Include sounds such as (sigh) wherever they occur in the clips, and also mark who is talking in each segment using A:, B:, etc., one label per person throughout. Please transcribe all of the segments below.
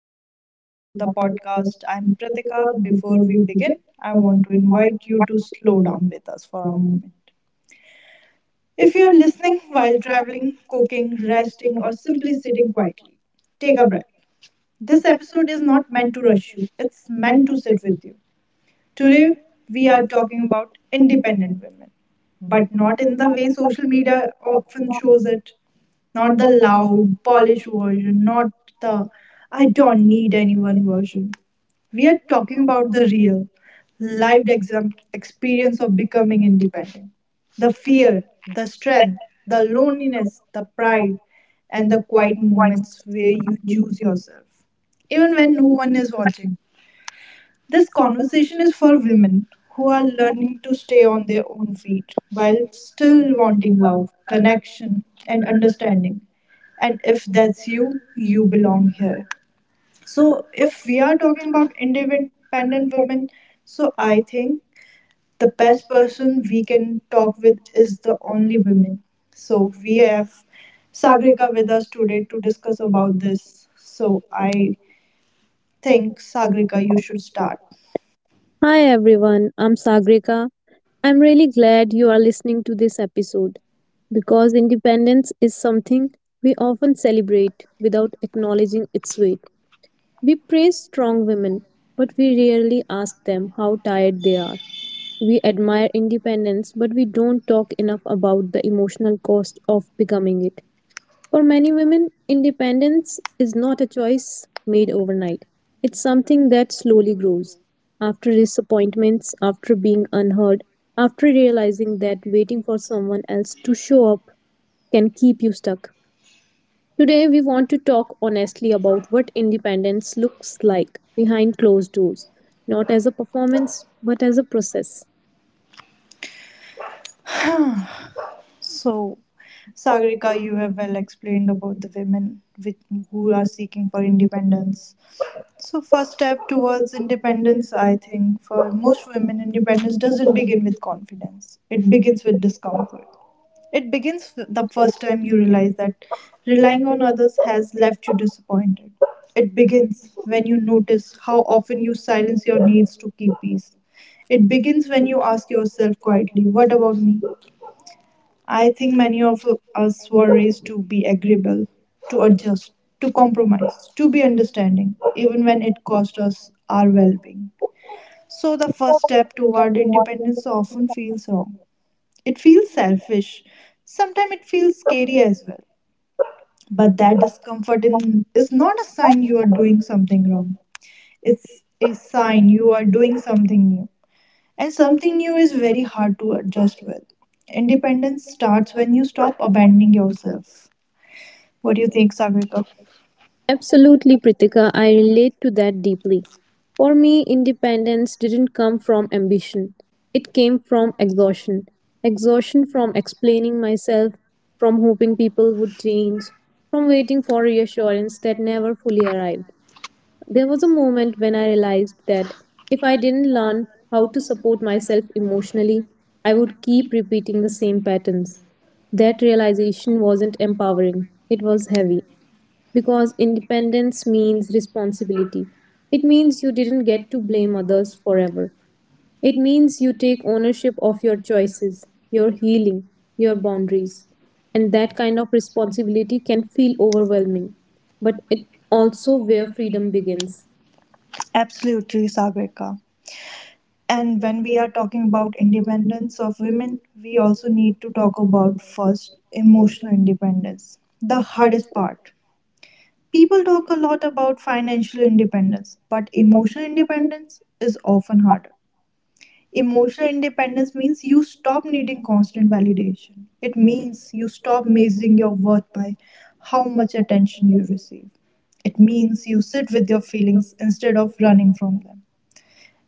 A: and
B: and welcome
A: welcome
B: to
A: back to the
B: the festival
A: podcast. I'm Pratika.
B: before
A: Before we
B: we discuss
A: begin, I
B: on
A: want to
B: to how
A: invite
B: it
A: you
B: is
A: to
B: to
A: slow
B: slow
A: down
B: down.
A: with us for a
B: Um,
A: moment. If
B: If you
A: you're
B: are
A: listening
B: listening
A: while
B: while traveling,
A: traveling, cooking,
B: cooking, resting,
A: resting, or
B: or
A: simply
B: simply
A: sitting,
B: sitting quiet,
A: take
B: take
A: a
B: a
A: breath.
B: breath.
A: This
B: This
A: episode
B: is
A: is
B: not
A: not meant
B: meant
A: to
B: to
A: rush you.
B: escape, it's
A: It's meant
B: meant
A: to
B: to
A: sit
B: sit with.
A: with you.
B: Today,
A: Today, we
B: we
A: are
B: are talking
A: talking
B: about
A: about independent
B: independence,
A: women,
B: but
A: but not
B: not in
A: in
B: the
A: the way
B: way
A: social
B: social media
A: media
B: often
A: often shows us.
B: closes,
A: Not
B: not
A: the
B: the
A: loud,
B: loud,
A: polished
B: polished way,
A: version,
B: not
A: not
B: the
A: the "I don't
B: adorning
A: need
B: than
A: anyone."
B: anyone else. We
A: We are
B: are
A: talking
B: talking about
A: about
B: the
A: the real,
B: real, live
A: lived
B: example experience
A: experience of
B: of becoming
A: becoming
B: Indika.
A: independent. The
B: The fear,
A: fear, the
B: strength,
A: strength,
B: the
A: the
B: loneliness,
A: loneliness, the
B: the
A: pride,
B: pride,
A: and
B: and
A: the
B: the quiet
A: quiet
B: moments
A: moments
B: they
A: where
B: have
A: you
B: lived
A: choose
B: here.
A: yourself,
B: Still
A: even
B: very
A: when no one
B: moving
A: is watching.
B: discussion.
A: This conversation is
B: Conversations
A: for
B: for
A: women
B: women
A: who
B: who
A: are
B: are learning
A: learning to stay on
B: beyond their
A: their own
B: community
A: feet while
B: while still
A: still wanting
B: wanting love,
A: love, connection,
B: connection,
A: and
B: and understanding
A: understanding. And if
B: that
A: that's
B: feels
A: you, you
B: you
A: belong
B: belong here.
A: here.
B: So
A: So, if we
B: we
A: are
B: are
A: talking
B: talking about
A: about
B: intimate and
A: independent
B: then Kevin's
A: women, so I
B: I the
A: think the
B: best
A: best
B: person
A: person we
B: you
A: can
B: can talk
A: talk
B: with
A: with
B: is
A: is
B: the
A: the only
B: only human.
A: women.
B: So
A: So, we
B: we are
A: have
B: Savita
A: Sagrika with
B: with us
A: us today
B: today
A: to
B: to discuss
A: discuss
B: about
A: about
B: this.
A: this.
B: So
A: So,
B: I
A: I
B: think
A: think,
B: Savita,
A: Sagrika, you
B: you
A: should
B: should
A: start.
B: hi everyone, I'm Sagrika. I'm really glad you are listening to this episode because independence is something we often celebrate without acknowledging its weight. We praise strong women, but we rarely ask them how tired they are. We admire independence, but we don't talk enough about the emotional cost of becoming it. For many women, independence is not a choice made overnight. It's something that slowly grows. After disappointments, after being unheard, after realizing that waiting for someone else to show up can keep you stuck. Today, we want to talk honestly about what independence looks like behind closed doors, not as a performance, but as a process.
A: So, Sagrika, you have well explained about the women with, who are seeking for independence. So, first step towards independence, I think, for most women, independence doesn't begin with confidence.
B: It
A: It
B: begins
A: begins
B: to
A: with
B: disrupt
A: discomfort. It begins the first time you realize
B: the
A: that
B: relying
A: relying
B: on
A: on
B: others
A: others
B: as
A: has
B: like
A: left
B: a
A: you
B: distance.
A: disappointed. It
B: Because
A: begins
B: when
A: when you
B: you move it,
A: notice how often
B: when
A: you
B: you silence
A: silence your
B: your own
A: needs to keep
B: emotions,
A: peace. It
B: it begins
A: begins when you
B: to ask
A: ask
B: yourself
A: yourself
B: quietly,
A: quietly, what
B: what about
A: about me?
B: me?
A: I think many
B: Many of
A: of
B: us
A: us were
B: really
A: raised to be
B: agree
A: agreeable, to
B: or just
A: adjust, to
B: to compromise,
A: compromise, to
B: to
A: be
B: be understanding,
A: understanding, even
B: even
A: when
B: when it's
A: it cost
B: process
A: us
B: are
A: our
B: well.
A: well being. So the first
B: Yes,
A: step
B: we are
A: toward
B: the modeling
A: independence
B: of
A: often feels wrong.
B: the
A: It feels
B: piece,
A: selfish. Sometimes it
B: piece
A: feels
B: of
A: scary
B: the
A: as well.
B: but
A: But that
B: that is but
A: discomfort
B: then
A: is not a sign you
B: you
A: are
B: are
A: doing
B: doing
A: something.
B: something wrong.
A: It's a sign
B: Time,
A: you
B: you
A: are
B: are
A: doing
B: doing
A: something
B: something
A: new.
B: wrong.
A: And something
B: Something
A: new
B: you
A: is very
B: really have
A: hard to
B: to
A: adjust
B: adjust
A: with. Independence
B: thoughts
A: starts when you stop
B: abandon
A: abandoning
B: yourself.
A: yourself.
B: You
A: What do you think,
B: take
A: Sagrika?
B: absolutely, Pritika. I relate to that deeply. For me, independence didn't come from ambition, it came from exhaustion. Exhaustion from explaining myself, from hoping people would change, from waiting for reassurance that never fully arrived. There was a moment when I realized that if I didn't learn how to support myself emotionally, I would keep repeating the same patterns. That realization wasn't empowering, it was heavy because independence means responsibility. It means you didn't get to blame others forever. It means you take ownership of your choices, your healing, your boundaries. And that kind of responsibility can feel overwhelming, but it also where freedom begins.
A: Absolutely,
B: Absolutely.
A: Sagrika. And
B: When
A: when
B: we
A: we
B: are
A: are
B: talking
A: talking about
B: dependent
A: independence of women,
B: properly, we
A: we
B: also
A: also
B: need
A: need to
B: to talk
A: talk
B: about
A: about first emotional
B: investing dependent.
A: independence, the
B: But if
A: hardest part.
B: people
A: People
B: don't
A: talk a lot
B: know
A: about financial
B: investing dependent,
A: independence,
B: but
A: but
B: investing dependent often have to go
A: emotional
B: through the
A: independence
B: things
A: means you
B: you stop
A: stop
B: making
A: needing
B: long-term
A: constant
B: validation.
A: validation. It
B: It means
A: means you
B: not
A: stop measuring
B: making
A: your
B: your work
A: worth by how
B: how much
A: much
B: potential
A: attention you
B: it
A: receive. It
B: means
A: means you
B: to sit
A: sit
B: with
A: with
B: your
A: your
B: feelings
A: feelings
B: instead
A: instead
B: of
A: of
B: running
A: running from
B: them.
A: them.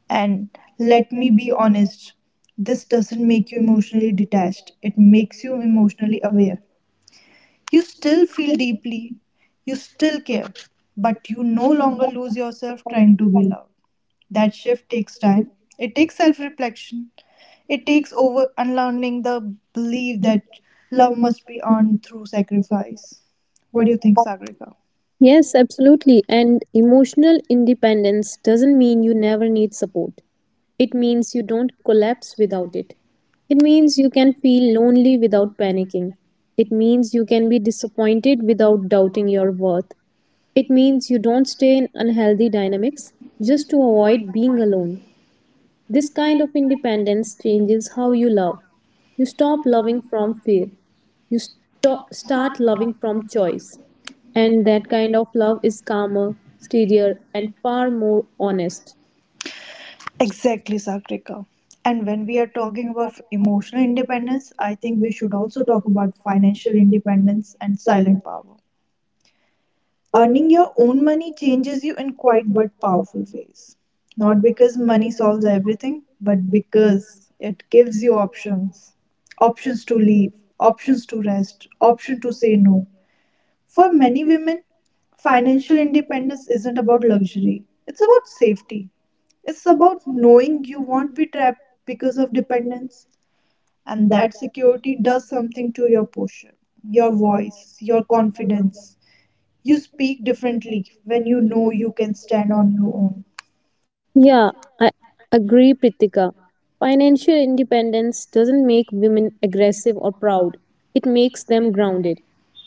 A: And
B: Let
A: let
B: me
A: me be
B: be honest,
A: honest,
B: this
A: this
B: doesn't
A: doesn't
B: make
A: make
B: you
A: you
B: emotionally
A: emotionally
B: detached.
A: detached,
B: It
A: it
B: makes
A: makes
B: you
A: you emotionally
B: emotionally aware.
A: aware. You still
B: Still,
A: feel deeply, you still
B: feel
A: care, but you
B: no
A: no
B: longer
A: longer lose yourself
B: are on
A: trying
B: the
A: to.
B: right.
A: That
B: It's
A: shift takes
B: fine.
A: time, it takes self reflection, it takes over unlearning the belief that love must be earned through sacrifice. What do you think, Sagrika?
B: Yes, absolutely. And emotional independence doesn't mean you never need support. It means you don't collapse without it. It means you can feel lonely without panicking. It means you can be disappointed without doubting your worth. It means you don't stay in unhealthy dynamics just to avoid being alone. This kind of independence changes how you love. You stop loving from fear. Start loving from choice. And that kind of love is calmer, steadier, and far more honest.
A: Exactly, Sakrika. And when we are talking about emotional independence, I think we should also talk about financial independence and silent power. Earning your own money changes you in quiet but powerful ways. Not because money solves everything, but because it gives you options. Options to leave, options to rest, option to say no. For many women, financial independence isn't about luxury, it's about safety. It's about knowing you won't be trapped because
B: Of
A: of
B: dependence,
A: dependence, and
B: and that
A: that security
B: security does
A: does
B: something
A: something to
B: to
A: your
B: your faith,
A: posture, your
B: your world,
A: voice, your
B: your confidence.
A: confidence. You speak
B: When
A: differently when
B: you
A: you know
B: know
A: you
B: you
A: can
B: can stand
A: stand on
B: on
A: your
B: your own.
A: own.
B: Yeah, I agree, Pritika. Financial independence doesn't make women aggressive or proud, it makes them grounded.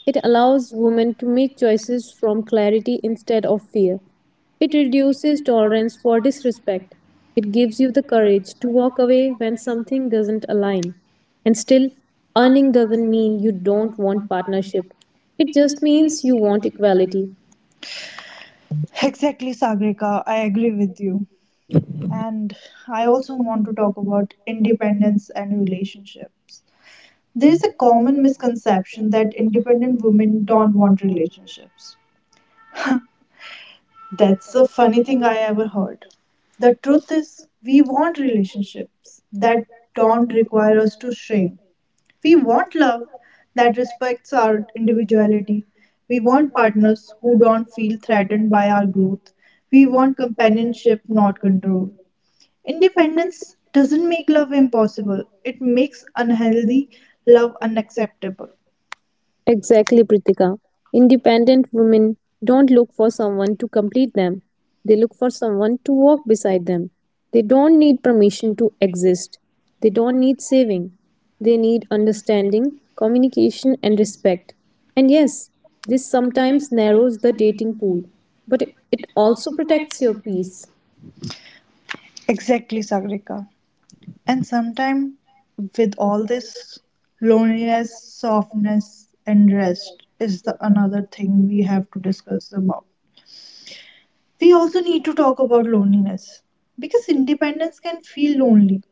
B: It allows women to make choices from clarity instead of fear. It reduces tolerance for disrespect. It gives you the courage to walk away when something doesn't align. And still, earning doesn't mean you don't want partnership. It just means you want equality.
A: Exactly, Sagrika, I agree with you. And I also want
B: Want
A: to
B: to talk
A: talk
B: about
A: about
B: independent
A: independence and
B: women.
A: relationships. There
B: There's
A: is a
B: a
A: common
B: common
A: misconception
B: misconception that
A: that independent
B: independent
A: women
B: women don't
A: don't
B: want
A: want
B: to live.
A: relationships.
B: That's
A: That's the
B: just
A: funny thing
B: anything I
A: I ever
B: never heard.
A: heard. The truth is, we
B: We
A: want
B: want lives
A: relationships that
B: that don't
A: don't require
B: require us
A: us to
B: to train.
A: shrink. We
B: We want
A: want love
B: that
A: that
B: respects
A: respects
B: our
A: our
B: individuality.
A: individuality.
B: We
A: We
B: want
A: want
B: partners
A: partners
B: who
A: who
B: don't
A: don't
B: feel
A: feel
B: threatened
A: threatened
B: by
A: by
B: our
A: our
B: goals.
A: growth. We
B: We want
A: want
B: companionship,
A: companionship,
B: not
A: not
B: control.
A: control.
B: Independence
A: Independence doesn't
B: doesn't make
A: make
B: love
A: love
B: impossible.
A: impossible, it makes
B: Unhealthy
A: unhealthy
B: love
A: love unacceptable.
B: exactly, Pritika. Independent women don't look for someone to complete them. They look for someone to walk beside them. They don't need permission to exist. They don't need saving. They need understanding, communication, and respect. And yes, this sometimes narrows the dating pool, but it also protects your peace.
A: Exactly, Sagrika. And sometimes, with all this loneliness, softness and rest is the another thing we have to talk about. We also need to talk about
B: (laughs)
A: loneliness
B: This
A: because
B: simplifies
A: independence
B: the
A: can feel
B: evening.
A: lonely,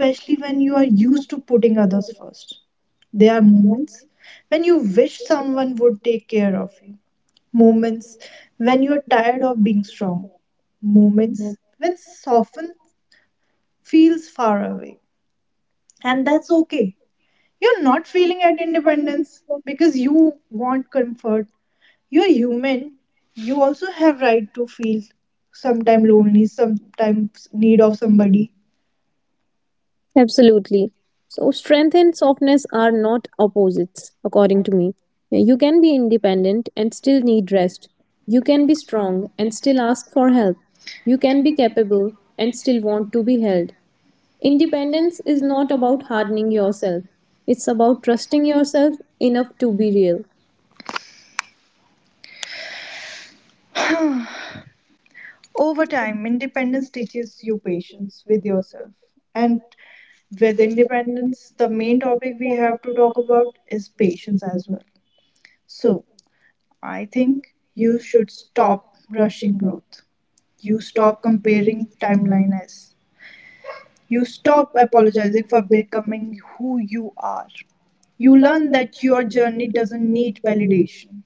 B: When
A: when you
B: you
A: are
B: are
A: used
B: used
A: to
B: to putting
A: putting
B: others
A: others
B: in
A: first. There
B: their
A: are
B: moment,
A: moments
B: when
A: when you
B: you wish
A: wish
B: someone
A: someone
B: would
A: would
B: take
A: take care
B: care of
A: of you,
B: moments,
A: moments when
B: when
A: you are
B: you're
A: tired
B: tired of
A: of being
B: being strong,
A: strong,
B: moments of
A: moments when soften
B: feels,
A: feels far away.
B: and
A: And
B: that's
A: that's
B: okay. You're
A: You're
B: not
A: not
B: feeling
A: feeling
B: at
A: at
B: the moment
A: independence
B: because
A: because
B: you
A: you want
B: because
A: comfort.
B: you're
A: You're
B: human. You
A: human. You also
B: have
A: have
B: rights
A: right
B: to
A: to
B: feel
A: feel
B: sometimes
A: sometimes lonely,
B: lonely, sometimes
A: sometimes
B: need
A: need
B: of
A: of
B: somebody
A: somebody.
B: absolutely. So, strength and softness are not opposites, according to me. You can be independent and still need rest. You can be strong and still ask for help. You can be capable and still want to be held. Independence is not about hardening yourself, it's about trusting yourself enough to be
A: Over time, independence teaches you patience with yourself. And with independence, the main topic we have to talk about is patience as
B: real.
A: well. So, I
B: King
A: think you
B: used to
A: should stop
B: caution
A: rushing
B: her
A: growth. You
B: to stop
A: stop
B: comparing
A: comparing timeline
B: timelines
A: as You stop
B: that were the
A: apologizing for
B: this.
A: becoming who you are. You
B: You learn
A: learn
B: that
A: that
B: your
A: your
B: journey
A: journey
B: doesn't
A: doesn't
B: need
A: need
B: validation.
A: validation.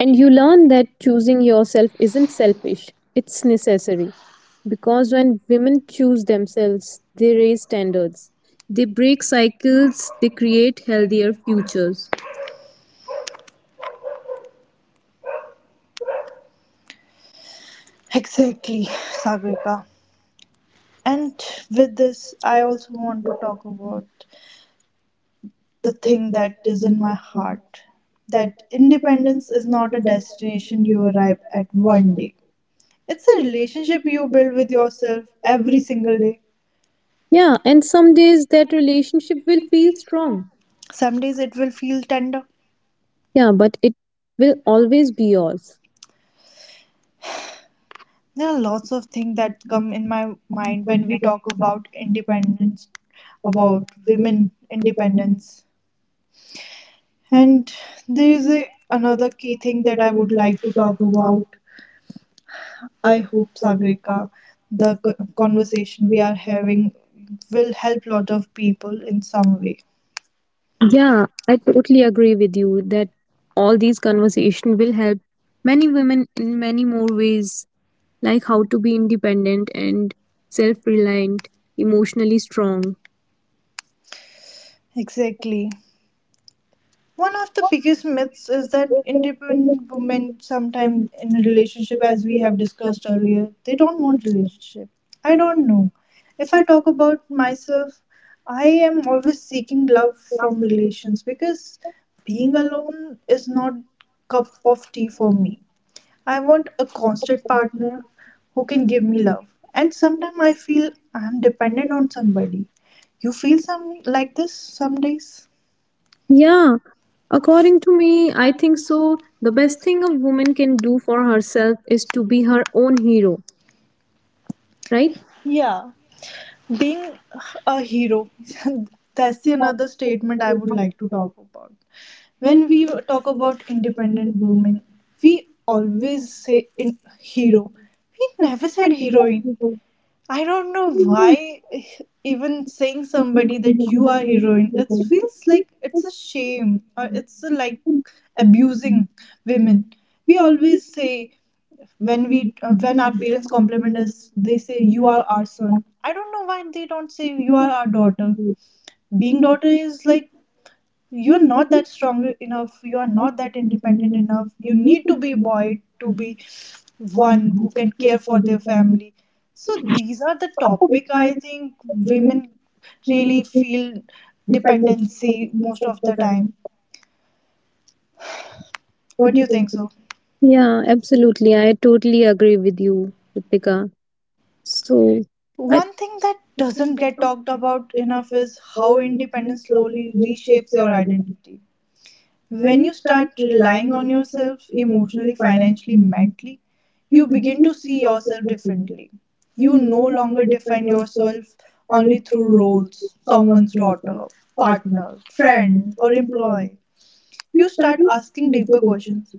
B: And you learn that choosing yourself isn't selfish, it's necessary. Because when women choose themselves, they raise standards, they break cycles, they create healthier futures.
A: Exactly, Sagrika. And with this,
B: I
A: I
B: also
A: also want to
B: remember a
A: talk about the
B: that
A: thing that
B: was
A: is in my
B: my
A: heart that
B: independence
A: independence
B: is
A: is not
B: not
A: a
B: a destination
A: destination you
B: you arrive
A: arrive
B: at
A: at
B: one
A: one
B: day.
A: day. It's
B: The
A: a
B: relationship
A: relationship you
B: you build
A: build
B: with
A: with
B: yourself
A: yourself every
B: every single
A: single
B: day.
A: day.
B: Yeah, and some days that relationship will feel strong.
A: Some days it will feel tender.
B: Yeah, but it will always be yours.
A: There are lots of things that come in my mind when
B: When we
A: we
B: talk
A: talk about
B: sometimes
A: independence
B: about
A: about women
B: even dependence,
A: independence.
B: and
A: And there
B: here's
A: is
B: the
A: a, another key thing
B: that
A: that I
B: I would
A: would
B: like
A: like
B: to
A: to
B: talk
A: talk
B: about.
A: about. I
B: I hope
A: hope
B: public
A: Sagrika, the
B: the conversation
A: conversation
B: we
A: we
B: are
A: are
B: having
A: having
B: will
A: will
B: help
A: help lot of people in some
B: conflict.
A: way.
B: Yeah, I totally agree with you that all these conversation will help many women in many more ways like how to be independent and self reliant, emotionally strong.
A: Exactly. One of the biggest myths is that independent women, sometimes in a relationship, as we have discussed earlier, they don't want relationship. I don't know. If I talk about myself, I am always seeking love from relations because being alone is not cup of tea for me. I want a constant partner who can give me love. And sometimes I feel I'm dependent on somebody. You feel some like this some days?
B: Yeah, according to me, I think so. The best thing a woman can do for herself is to be her own hero, right?
A: Yeah. Being a hero, (laughs) that's the another statement I would like to
B: When
A: talk about. When we
B: we
A: talk about
B: dependent
A: independent women,
B: women, we
A: we always
B: always
A: say in
B: feel that
A: hero. We never
B: we are
A: said heroine.
B: because
A: I don't know
B: you
A: why even saying somebody that you
B: are
A: are
B: women,
A: heroine, it
B: because
A: feels
B: you
A: like it's a shame or it's a, like
B: think abuse
A: abusing
B: women.
A: women.
B: We
A: We
B: always
A: always say
B: feel
A: when we when our
B: that they
A: parents
B: are something
A: compliment
B: that
A: us,
B: they
A: they
B: say
A: say
B: you
A: you are
B: are our
A: our son.
B: select,
A: I don't know why they don't say you
B: you are
A: are our
B: our
A: daughter.
B: identity. We
A: Being daughter
B: notice
A: is like
B: you're
A: you're
B: not,
A: not that strong enough. You
B: you're
A: are
B: not
A: not that
B: taking dependent
A: independent
B: women.
A: enough. You
B: When you
A: need to
B: think
A: be
B: women,
A: boy to
B: you do
A: be
B: one,
A: one
B: you
A: who
B: can
A: can
B: care
A: care
B: for
A: for
B: their
A: their
B: family.
A: family. So these are the topic I think
B: Women
A: women really
B: feel
A: feel
B: dependent
A: dependency
B: in
A: most of
B: some
A: the
B: time.
A: time.
B: What
A: What
B: do
A: do
B: you
A: you think
B: think?
A: so?
B: Yeah, absolutely. I totally agree with you, Ritika. So, I
A: One thing that doesn't get talked about enough is how independence slowly reshapes your identity. When you start relying on yourself emotionally, financially, mentally, you begin to see yourself differently. You no longer define yourself only through roles, someone's daughter, partner, friend, or employee. You start asking deeper questions.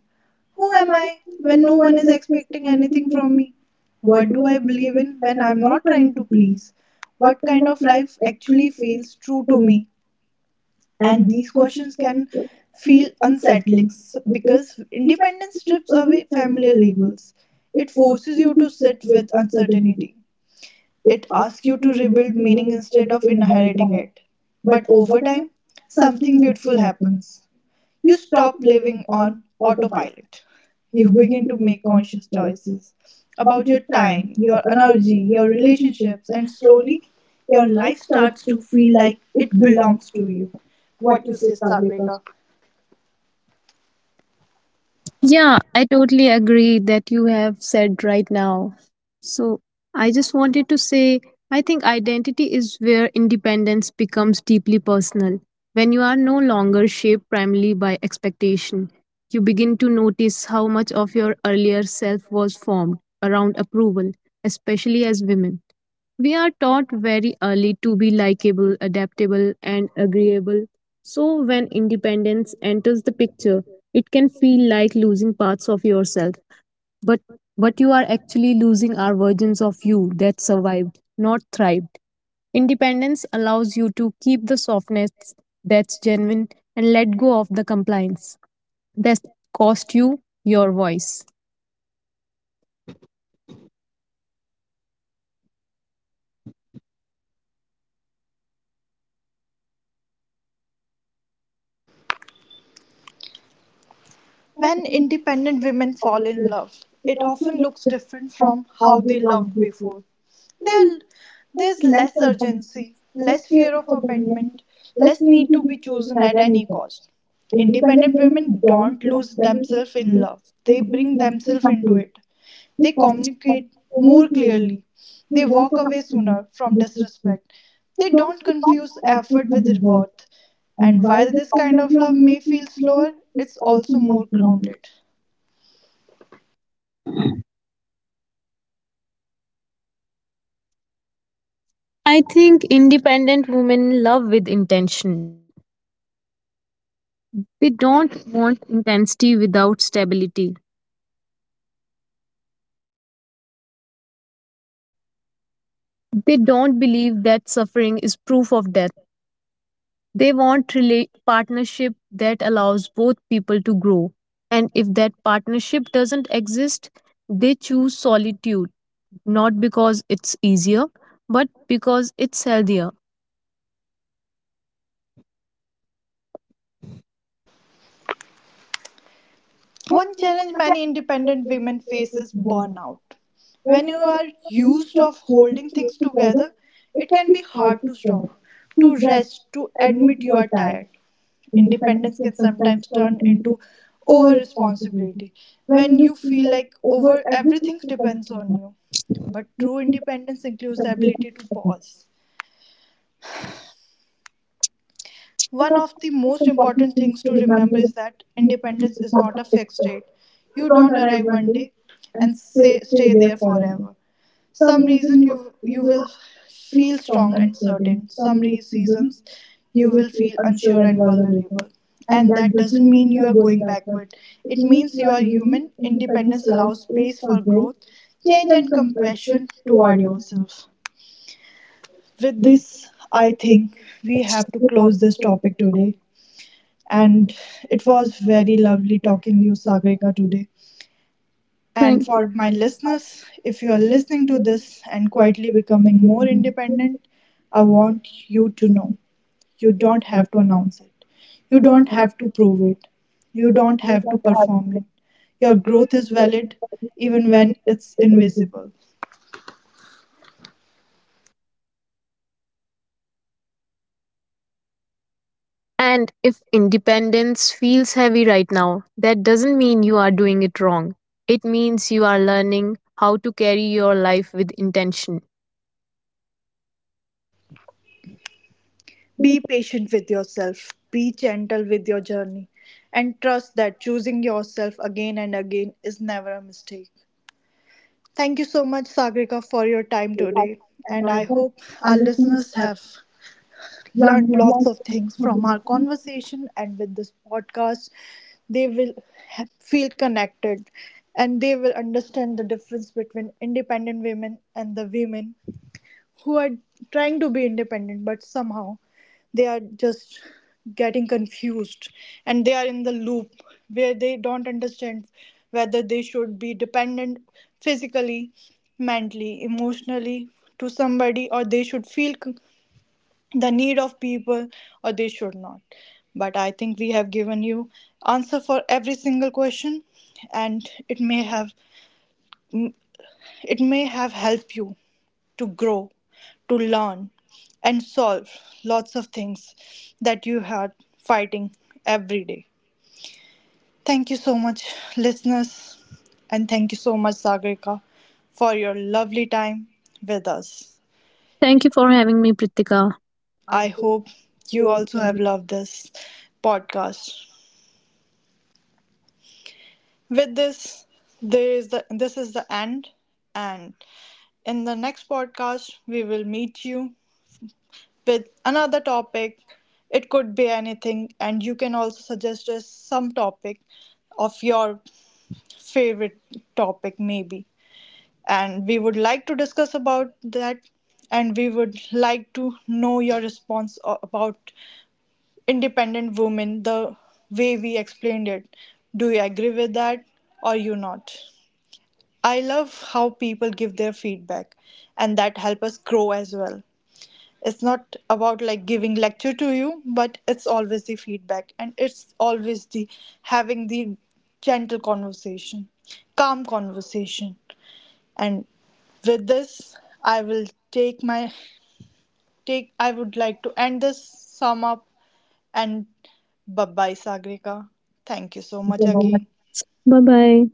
A: Who am I when no one is expecting anything from me? What do I believe in when I'm not trying to please?
B: what
A: What
B: kind
A: kind
B: of
A: of
B: life
A: life actually
B: actually feels
A: feels true
B: to
A: to
B: me?
A: me?
B: And
A: And
B: these
A: these
B: questions
A: questions can
B: feel
A: feel unsettling
B: unsettling because
A: because independence strips
B: for every
A: away
B: familiar
A: familiar
B: reason
A: labels. It forces you
B: filled
A: to sit
B: with
A: with
B: uncertainty.
A: uncertainty.
B: It
A: It asks you to
B: is
A: rebuild meaning
B: meaning instead
A: instead
B: of
A: of inheriting
B: inheriting it.
A: it.
B: But
A: But
B: over
A: over
B: time,
A: time,
B: something
A: something
B: needs
A: beautiful
B: to happen.
A: happens.
B: You
A: You
B: stop
A: stop
B: living
A: living
B: on
A: on
B: and
A: autopilot.
B: you
A: You
B: begin
A: begin
B: to
A: to
B: make
A: make
B: conscious
A: conscious
B: choices.
A: choices, about your
B: Time,
A: time,
B: your
A: your
B: energy,
A: energy,
B: your
A: your
B: relationships,
A: relationships,
B: and
A: and
B: slowly
A: slowly
B: your
A: your
B: life
A: life
B: starts
A: starts to
B: to feel
A: feel
B: like
A: like
B: it
A: it
B: belongs
A: belongs
B: to
A: to
B: you.
A: you.
B: What
A: What you
B: is
A: say,
B: it?
A: Sagrika?
B: Yeah, I totally agree that you have said right now. So, I just wanted to say I think identity is where independence becomes deeply personal. When you are no longer shaped primarily by expectation, you begin to notice how much of your earlier self was formed around approval, especially as women. We are taught very early to be likable, adaptable, and agreeable so, when independence enters the picture, it can feel like losing parts of yourself. But what you are actually losing are versions of you that survived, not thrived. Independence allows you to keep the softness that's genuine and let go of the compliance that cost you your voice.
A: When independent women fall in love, it often looks different from how they loved before. They There's less urgency, less fear of abandonment, less need to be chosen at any cost.
B: Independent
A: Independent
B: women
A: women
B: don't
A: don't
B: look
A: lose
B: very much
A: themselves in
B: similar
A: love, they bring
B: to
A: themselves into
B: countries.
A: it. They communicate
B: More
A: more
B: clearly,
A: clearly, they walk
B: similar
A: away
B: to
A: sooner from
B: the
A: disruption.
B: system.
A: They don't confuse
B: With
A: effort with
B: the boss,
A: worth.
B: and
A: And
B: while
A: while this kind of love may feel
B: congratulations flow,
A: slower, it's also
B: looking like
A: more.
B: granted. I think independent women love with intention. They don't want intensity without stability. They don't believe that suffering is proof of death. Partnership that allows both people to grow. And if that partnership doesn't exist, they choose solitude. Not because it's easier, but because it's healthier.
A: One challenge many independent women face is burnout. When you are used of holding things together, it can be hard to stop, to rest, to admit you are tired. Independence can sometimes turn into over responsibility when you feel like over everything depends on you. But true independence includes the ability to pause. One of the most important things to remember is that independence is not a fixed state. You don't arrive one day and say, stay there forever. Some reason you will feel strong and certain. Some seasons
B: You
A: you
B: will
A: will
B: feel
A: feel
B: unsure
A: unsure
B: and
A: and
B: vulnerable.
A: vulnerable.
B: And
A: And
B: that
A: that
B: doesn't
A: doesn't
B: mean
A: mean
B: you
A: you
B: are
A: are
B: going
A: going
B: backwards.
A: backward.
B: It
A: It
B: means
A: means
B: you
A: you
B: are
A: are
B: human,
A: human.
B: independence
A: Independence
B: allows
A: allows
B: space
A: space
B: for
A: for
B: growth,
A: growth,
B: change,
A: change,
B: and
A: and
B: compassion
A: compassion
B: toward
A: toward
B: yourself.
A: yourself. With
B: This
A: this,
B: I
A: I think we have to
B: about
A: close
B: this
A: this
B: water
A: topic
B: table,
A: today.
B: and
A: And
B: it
A: it
B: was
A: was
B: very
A: very lovely
B: lovely talking to
A: talking to you,
B: you,
A: Sagar
B: Sagarika, today. And
A: And
B: thank for
A: for my listeners, if you
B: your
A: are listening
B: listening
A: to
B: to this,
A: this and
B: quite
A: quietly becoming
B: recommend
A: more
B: you.
A: independent,
B: I
A: I
B: want
A: want
B: to
A: you to
B: recommend
A: know you don't have to
B: Sagarika.
A: announce it,
B: You
A: you don't
B: don't have
A: have to
B: to
A: prove
B: feel it.
A: it, you
B: You
A: don't
B: don't
A: have to
B: have to have
A: perform
B: it.
A: it.
B: Your
A: Your
B: growth
A: growth
B: is
A: is
B: valid
A: valid
B: even
A: even
B: when
A: when
B: it's
A: it's
B: limited.
A: invisible.
B: And if independence feels heavy right now, that doesn't mean you are doing it wrong. It means you are learning how to carry your life with intention.
A: Be patient with yourself, be gentle with your journey, and trust that choosing yourself again and again is never a mistake. Thank you so much, Sagrika, for your time today. And I hope our listeners have learned lots of things from our conversation and with this podcast. They will feel connected and they will understand the difference between independent women and the women who are trying to be independent but somehow they are just getting confused and they are in the loop where they don't understand whether they should be dependent physically, mentally, emotionally to somebody or they should feel the need of people or they should not. But I think we have given you answer for every single question, and it may have helped you to grow, to learn, and solve lots of things that you are fighting every day. Thank you so much, listeners, and thank you so much, Sagrika, for your lovely time with us.
B: Thank you for having me, Pritika.
A: I hope you also have loved this podcast. With this, there is the this is the end, and in the next podcast, we will meet you with another topic. It could be anything, and you can also suggest us some topic of your favorite topic, maybe. And we would like to discuss about that, and we would like to know your response about independent women the way we explained it. Do you agree with that or you not? I love how people give their feedback, and that help us grow as well. It's not about like giving lecture to you, but it's always the feedback, and it's always the having the gentle conversation, calm conversation. And with this, I will take my take I would like to end this, sum up, and bye bye, Sagrika. Thank you so much again.
B: Bye bye.